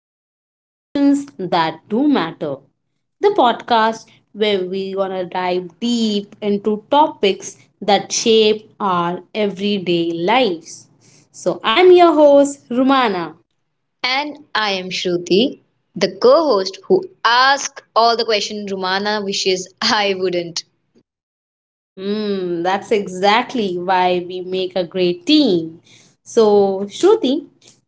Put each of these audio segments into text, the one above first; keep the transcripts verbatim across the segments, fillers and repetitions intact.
the conversations that do matter, the podcast where we're gonna dive deep into topics that shape our everyday lives. So, I'm your host, Rumana. And I am Shruti, the co host who asks all the questions Rumana wishes I wouldn't. Mm, that's exactly why we make a great team. So, Shruti,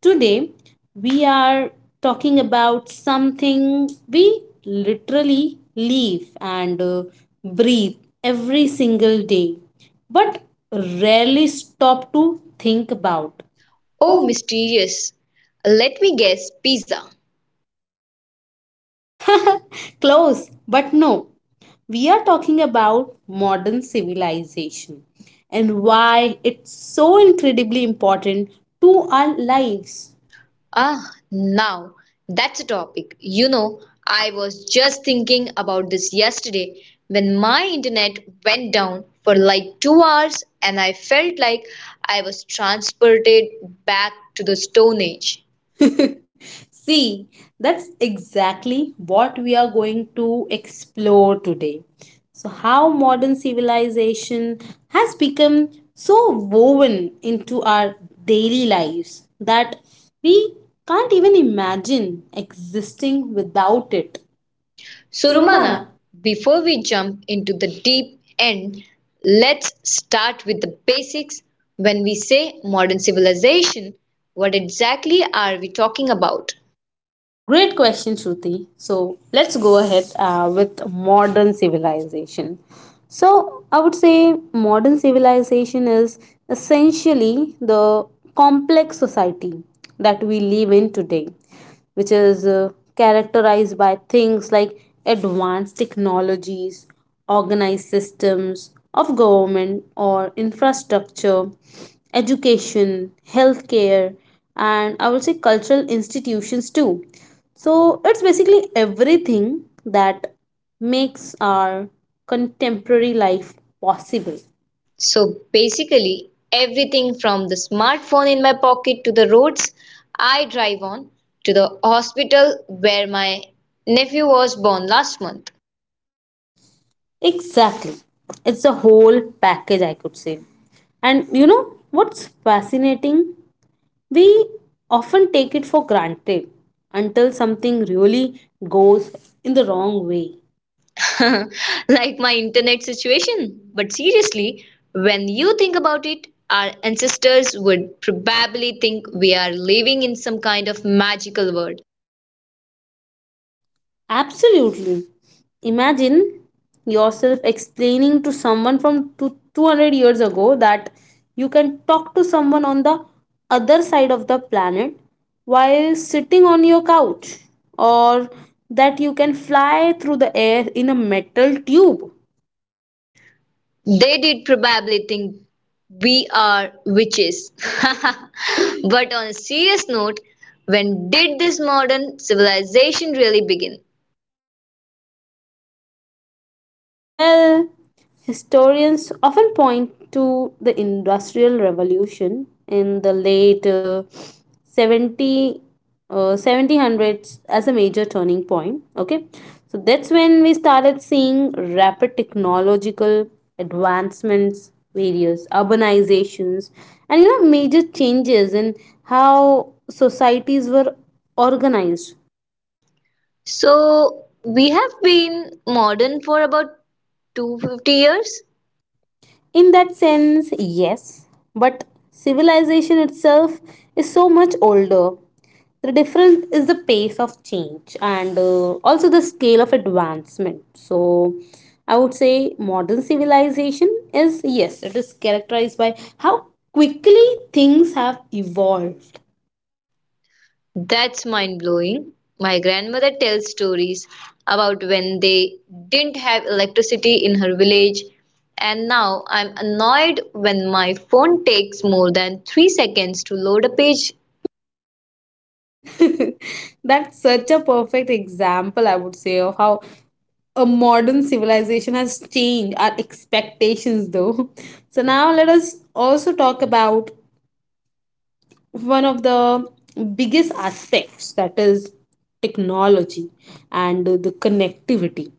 today we are talking about something we literally live and uh, breathe every single day, but rarely stop to think about. Oh, mysterious. Let me guess pizza. Close, but no. We are talking about modern civilization and why it's so incredibly important to our lives. Ah, now that's a topic. You know, I was just thinking about this yesterday when my internet went down for like two hours and I felt like I was transported back to the Stone Age. See, that's exactly what we are going to explore today. So, how modern civilization has become so woven into our daily lives that we can't even imagine existing without it. So, Surumana. Rumana, before we jump into the deep end, let's start with the basics. When we say modern civilization, what exactly are we talking about? Great question, Shruti. So let's go ahead uh, with modern civilization. So I would say modern civilization is essentially the complex society that we live in today, which is uh, characterized by things like advanced technologies, organized systems of government or infrastructure, education, healthcare, and I would say cultural institutions too. So it's basically everything that makes our contemporary life possible. So, basically, everything from the smartphone in my pocket to the roads I drive on to the hospital where my nephew was born last month. Exactly. It's a whole package, I could say. And you know what's fascinating? We often take it for granted until something really goes in the wrong way. Like my internet situation. But seriously, when you think about it, our ancestors would probably think we are living in some kind of magical world. Absolutely. Imagine yourself explaining to someone from two- 200 years ago that you can talk to someone on the other side of the planet while sitting on your couch, or that you can fly through the air in a metal tube. They did probably think we are witches. But on a serious note, when did this modern civilization really begin? Well, historians often point to the Industrial Revolution in the late uh, seventy, uh, seventeen hundreds as a major turning point. Okay, so that's when we started seeing rapid technological advancements, various urbanizations, and you know, major changes in how societies were organized. So, we have been modern for about two hundred fifty years. In that sense, yes, but civilization itself is so much older. The difference is the pace of change and uh, also the scale of advancement. So, I would say modern civilization is, yes, it is characterized by how quickly things have evolved. That's mind blowing. My grandmother tells stories about when they didn't have electricity in her village, and now I'm annoyed when my phone takes more than three seconds to load a page. That's such a perfect example, I would say, of how a modern civilization has changed our expectations, though. So, now let us also talk about one of the biggest aspects, that is technology and the connectivity.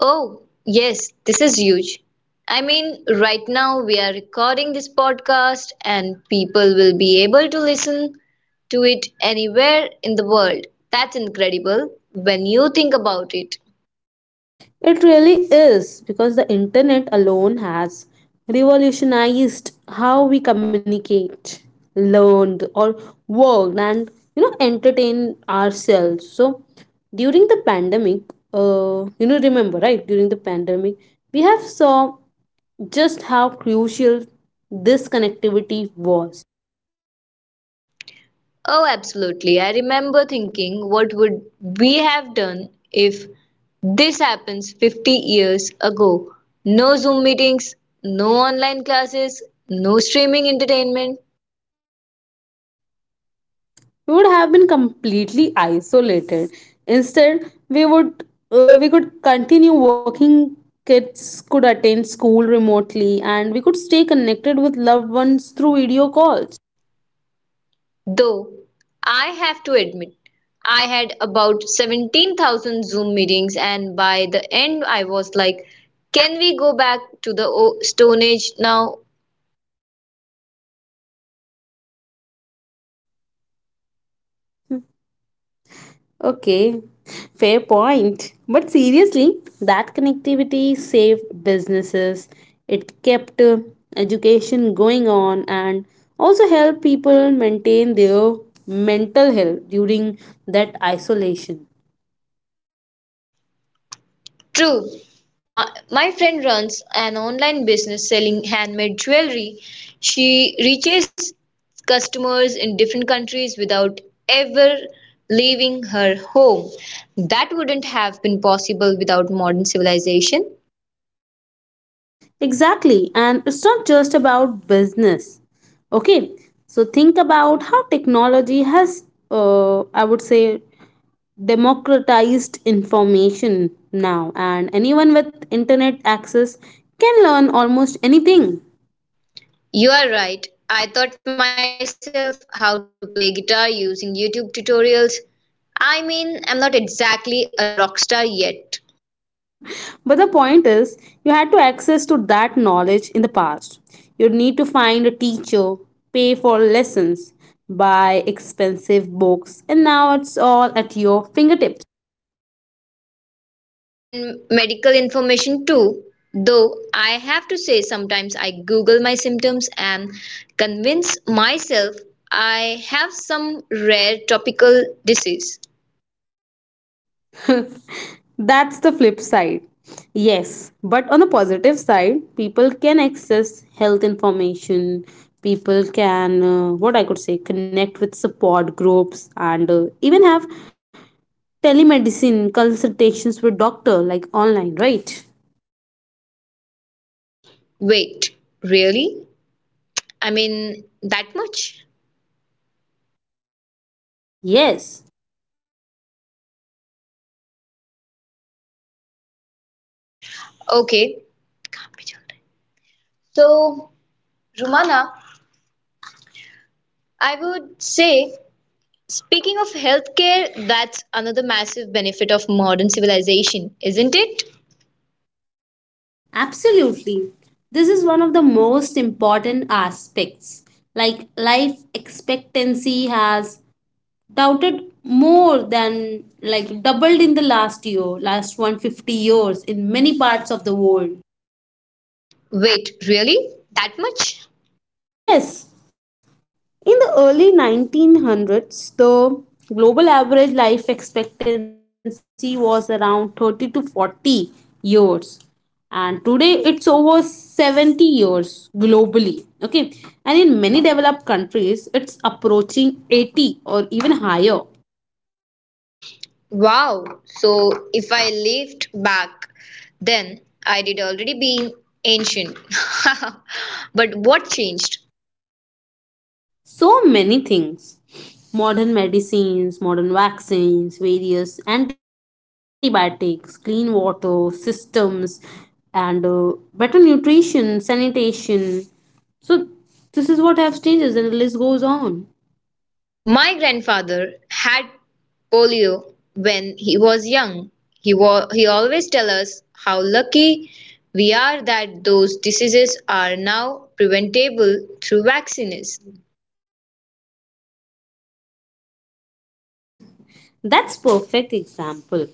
Oh, yes, this is huge. I mean, right now we are recording this podcast, and people will be able to listen to it anywhere in the world. That's incredible when you think about it. It really is because the internet alone has revolutionized how we communicate, learned, or worked, and you know, entertain ourselves. So, during the pandemic, uh, you know, remember right? During the pandemic, we have saw just how crucial this connectivity was. Oh, absolutely. I remember thinking, what would we have done if this happens fifty years ago? No Zoom meetings, no online classes, no streaming entertainment. We would have been completely isolated. Instead, we would uh, we could continue working, kids could attend school remotely, and we could stay connected with loved ones through video calls. Though, I have to admit, I had about seventeen thousand Zoom meetings, and by the end, I was like, can we go back to the o- Stone Age now? Okay, fair point, but seriously, that connectivity saved businesses, it kept uh, education going on, and also helped people maintain their mental health during that isolation. True. My, my friend runs an online business selling handmade jewelry. She reaches customers in different countries without ever leaving her home. That wouldn't have been possible without modern civilization. Exactly, and it's not just about business. Okay, so think about how technology has, uh, I would say, democratized information now, and anyone with internet access can learn almost anything. You are right. I taught myself how to play guitar using YouTube tutorials. I mean, I'm not exactly a rock star yet, But the point is, you had to access to that knowledge in the past. You'd need to find a teacher, pay for lessons, buy expensive books, and now it's all at your fingertips. and medical information too. Though I have to say, sometimes I Google my symptoms and convince myself I have some rare topical disease. That's the flip side. Yes, but on the positive side, people can access health information, people can, uh, what I could say, connect with support groups and uh, even have telemedicine consultations with doctor like online, right? Wait, really? I mean, that much? Yes, Okay. So, Rumana, I would say, speaking of healthcare, that's another massive benefit of modern civilization, isn't it? absolutely. This is one of the most important aspects. Like life expectancy has doubted more than like doubled in the last year, last one hundred fifty years in many parts of the world. Wait, really? That much? Yes, in the early nineteen hundreds, the global average life expectancy was around thirty to forty years, and today it's over seventy years globally. Okay, and in many developed countries, it's approaching eighty or even higher. Wow. So if I lived back then, I'd already been ancient. But what changed? So many things: modern medicines, modern vaccines, various antibiotics, clean water systems, and uh, better nutrition, sanitation. So, this is what have changes, and the list goes on. My grandfather had polio when he was young. He wa- he always tell us how lucky we are that those diseases are now preventable through vaccines. That's perfect example.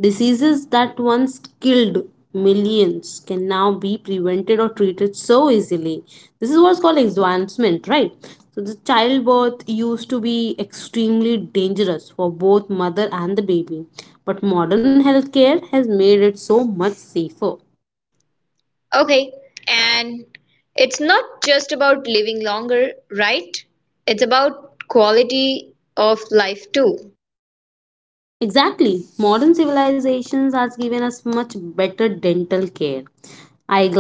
Diseases that once killed millions can now be prevented or treated so easily. This is what's called advancement, right? So the childbirth used to be extremely dangerous for both mother and the baby, but modern healthcare has made it so much safer. Okay, and it's not just about living longer, right? It's about quality of life too. Exactly. Modern civilizations has given us much better dental care,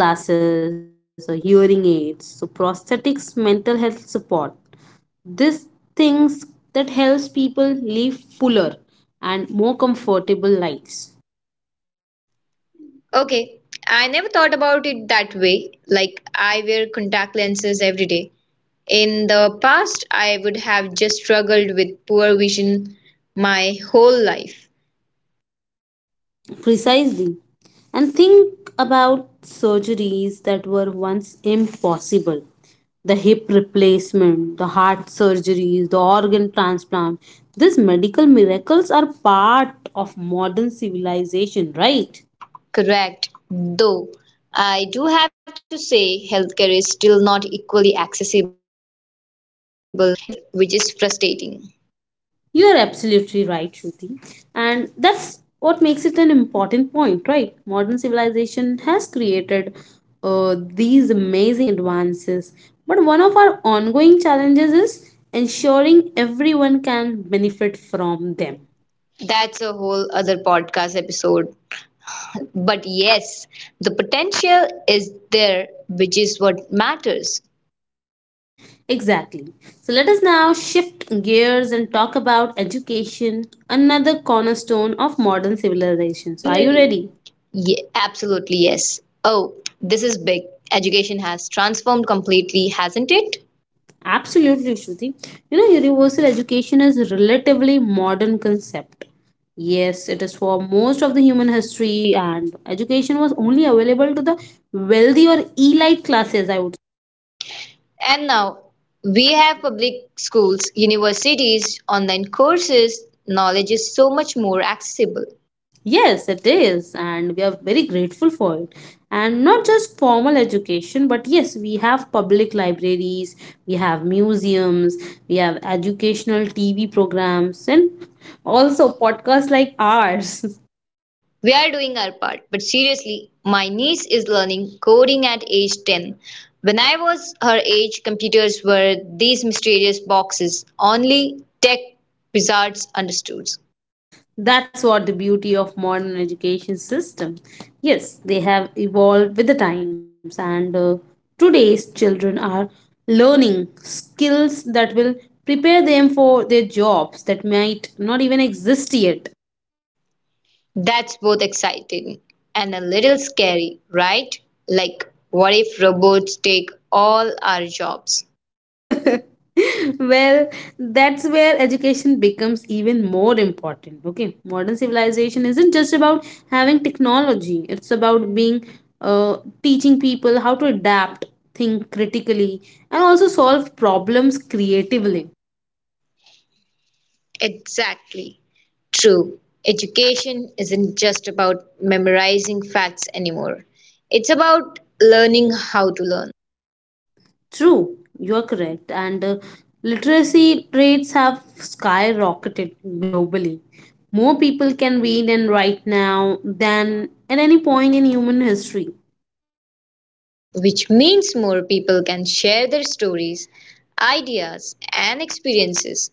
eyeglasses or hearing aids, so prosthetics, mental health support. These things that helps people live fuller and more comfortable lives. Okay, I never thought about it that way. Like, I wear contact lenses every day. In the past, I would have just struggled with poor vision my whole life. Precisely. And think about surgeries that were once impossible. The hip replacement, the heart surgeries, the organ transplant. These medical miracles are part of modern civilization, right? Correct. Though, I do have to say, healthcare is still not equally accessible everywhere, which is frustrating. You are absolutely right, Shruti. And that's what makes it an important point, right? Modern civilization has created uh, these amazing advances. But one of our ongoing challenges is ensuring everyone can benefit from them. That's a whole other podcast episode. But yes, the potential is there, which is what matters. Exactly. So let us now shift gears and talk about education, another cornerstone of modern civilization. So, are you ready? Ye absolutely, yes. Oh, this is big. Education has transformed completely, hasn't it? Absolutely, Shruti. You know, universal education is a relatively modern concept. Yes, it is. For most of the human history, and education was only available to the wealthy or elite classes, I would. And now we have public schools, universities, online courses. Knowledge is so much more accessible. Yes, it is, and we are very grateful for it. And not just formal education, but yes, we have public libraries, we have museums, we have educational T V programs, and also podcasts like ours. We are doing our part. But seriously, my niece is learning coding at age ten. When I was her age, computers were these mysterious boxes only tech wizards understood. That's what the beauty of modern education system. Yes, they have evolved with the times and uh, today's children are learning skills that will prepare them for their jobs that might not even exist yet. That's both exciting and a little scary, right? Like, what if robots take all our jobs? Well, that's where education becomes even more important. Okay, modern civilization isn't just about having technology, it's about being, uh, teaching people how to adapt, think critically, and also solve problems creatively. Exactly. True. Education isn't just about memorizing facts anymore. It's about learning how to learn. True, you are correct, and uh, literacy rates have skyrocketed globally. More people can read and write now than at any point in human history. Which means more people can share their stories, ideas, and experiences.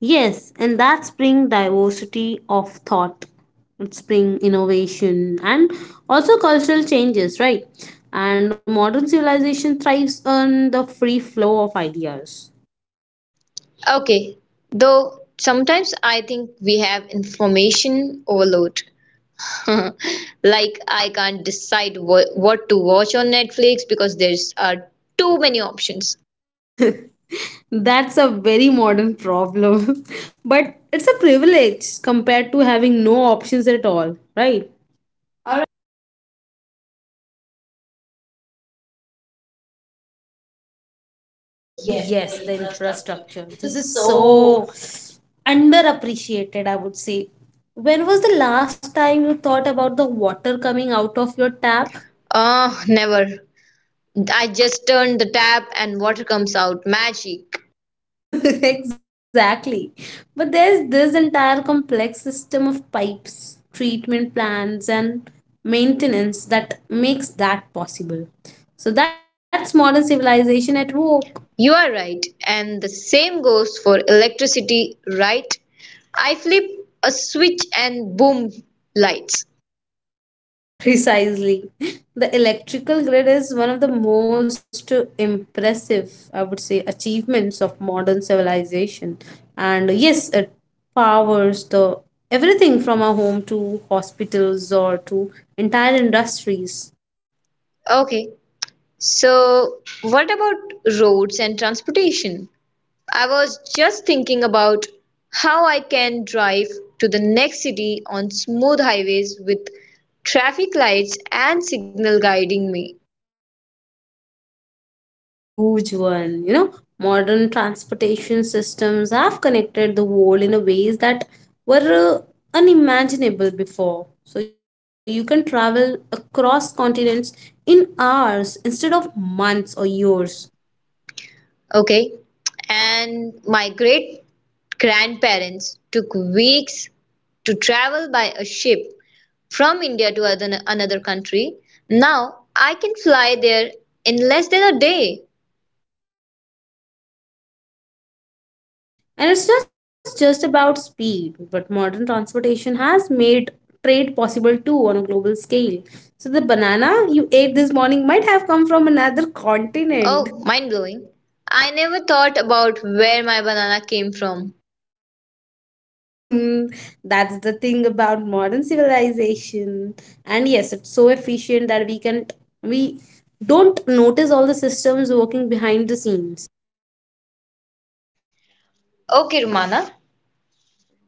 Yes, and that's bring diversity of thought. It's bring innovation and also cultural changes, right? And modern civilization thrives on the free flow of ideas. Okay, though sometimes I think we have information overload. Like, I can't decide what, what to watch on Netflix because there's are too many options. That's a very modern problem. But it's a privilege compared to having no options at all, right? Oh, yes, the infrastructure. This is so underappreciated, I would say. When was the last time you thought about the water coming out of your tap? Ah, never. I just turn the tap and water comes out magic. Exactly. But there's this entire complex system of pipes, treatment plants, and maintenance that makes that possible. So that's modern civilization at work. You are right, and the same goes for electricity, right? I flip a switch and boom, lights. Precisely. The electrical grid is one of the most impressive, I would say, achievements of modern civilization. And yes, it powers the everything from our home to hospitals or to entire industries. Okay, so what about roads and transportation? I was just thinking about how I can drive to the next city on smooth highways with traffic lights and signal guiding me. That's a huge one. You know, modern transportation systems have connected the world in a ways that were uh, unimaginable before. So you can travel across continents in hours instead of months or years. Okay. And my great grandparents took weeks to travel by a ship from India to other, another country. Now I can fly there in less than a day. And it's not just about speed, but modern transportation has made trade possible too on a global scale. So the banana you ate this morning might have come from another continent. Oh, mind blowing. I never thought about where my banana came from. Hmm, that's the thing about modern civilization. And yes, it's so efficient that we can we don't notice all the systems working behind the scenes. Okay, Rumana.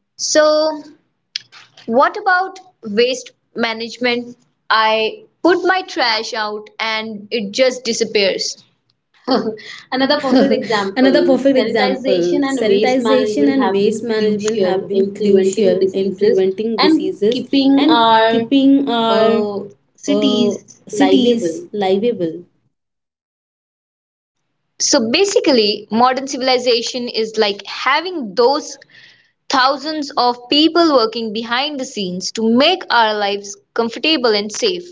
So, what about waste management? I put my trash out and it just disappears. Another perfect Another example perfect sanitization example, and waste sanitization management and have waste been management have crucial been in preventing crucial in diseases preventing and diseases keeping and our keeping our uh, uh, cities livable. cities livable. So basically, modern civilization is like having those thousands of people working behind the scenes to make our lives comfortable and safe.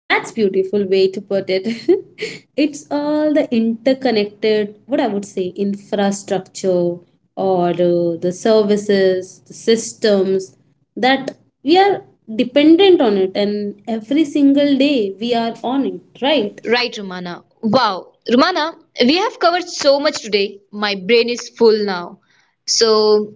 That's beautiful way to put it. It's all the interconnected, what I would say, infrastructure or uh, the services, the systems that we are dependent on it, and every single day we are on it, right? Right, Romana? Wow. Romana, we have covered so much today. My brain is full now. So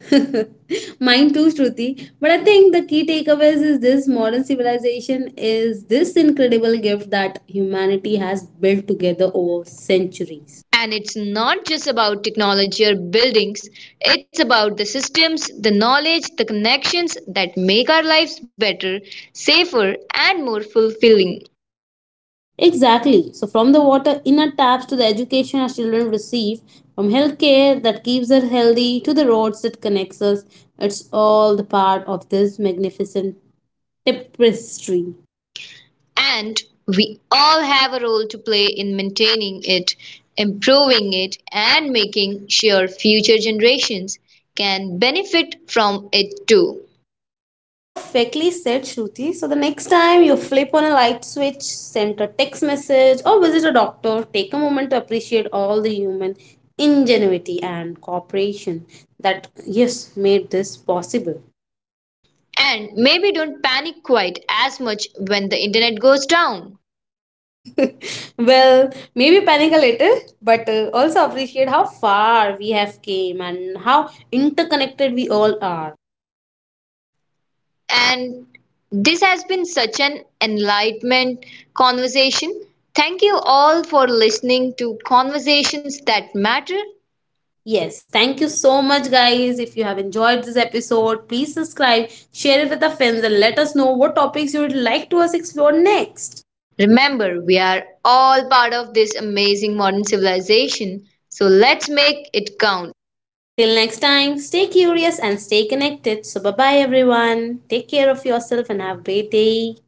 Mine too, Shruti. But I think the key takeaways is this: modern civilization is this incredible gift that humanity has built together over centuries. and it's not just about technology or buildings, it's about the systems, the knowledge, the connections that make our lives better, safer, and more fulfilling. Exactly. So, from the water inner taps to the education our children receive, from healthcare that keeps us healthy to the roads that connects us, it's all the part of this magnificent tapestry. And we all have a role to play in maintaining it, improving it, and making sure future generations can benefit from it too. Perfectly said, Shruti. So, the next time you flip on a light switch, send a text message, or visit a doctor, take a moment to appreciate all the human ingenuity and cooperation that, yes, made this possible. And maybe don't panic quite as much when the internet goes down. Well, maybe panic a little, but uh, also appreciate how far we have came and how interconnected we all are. And this has been such an enlightenment conversation. Thank you all for listening to Conversations That Matter. Yes, thank you so much, guys. If you have enjoyed this episode, please subscribe, share it with the friends, and let us know what topics you would like to us explore next. Remember, we are all part of this amazing modern civilization, so let's make it count. Until next time, stay curious and stay connected. So, bye bye, everyone. Take care of yourself and have a great day.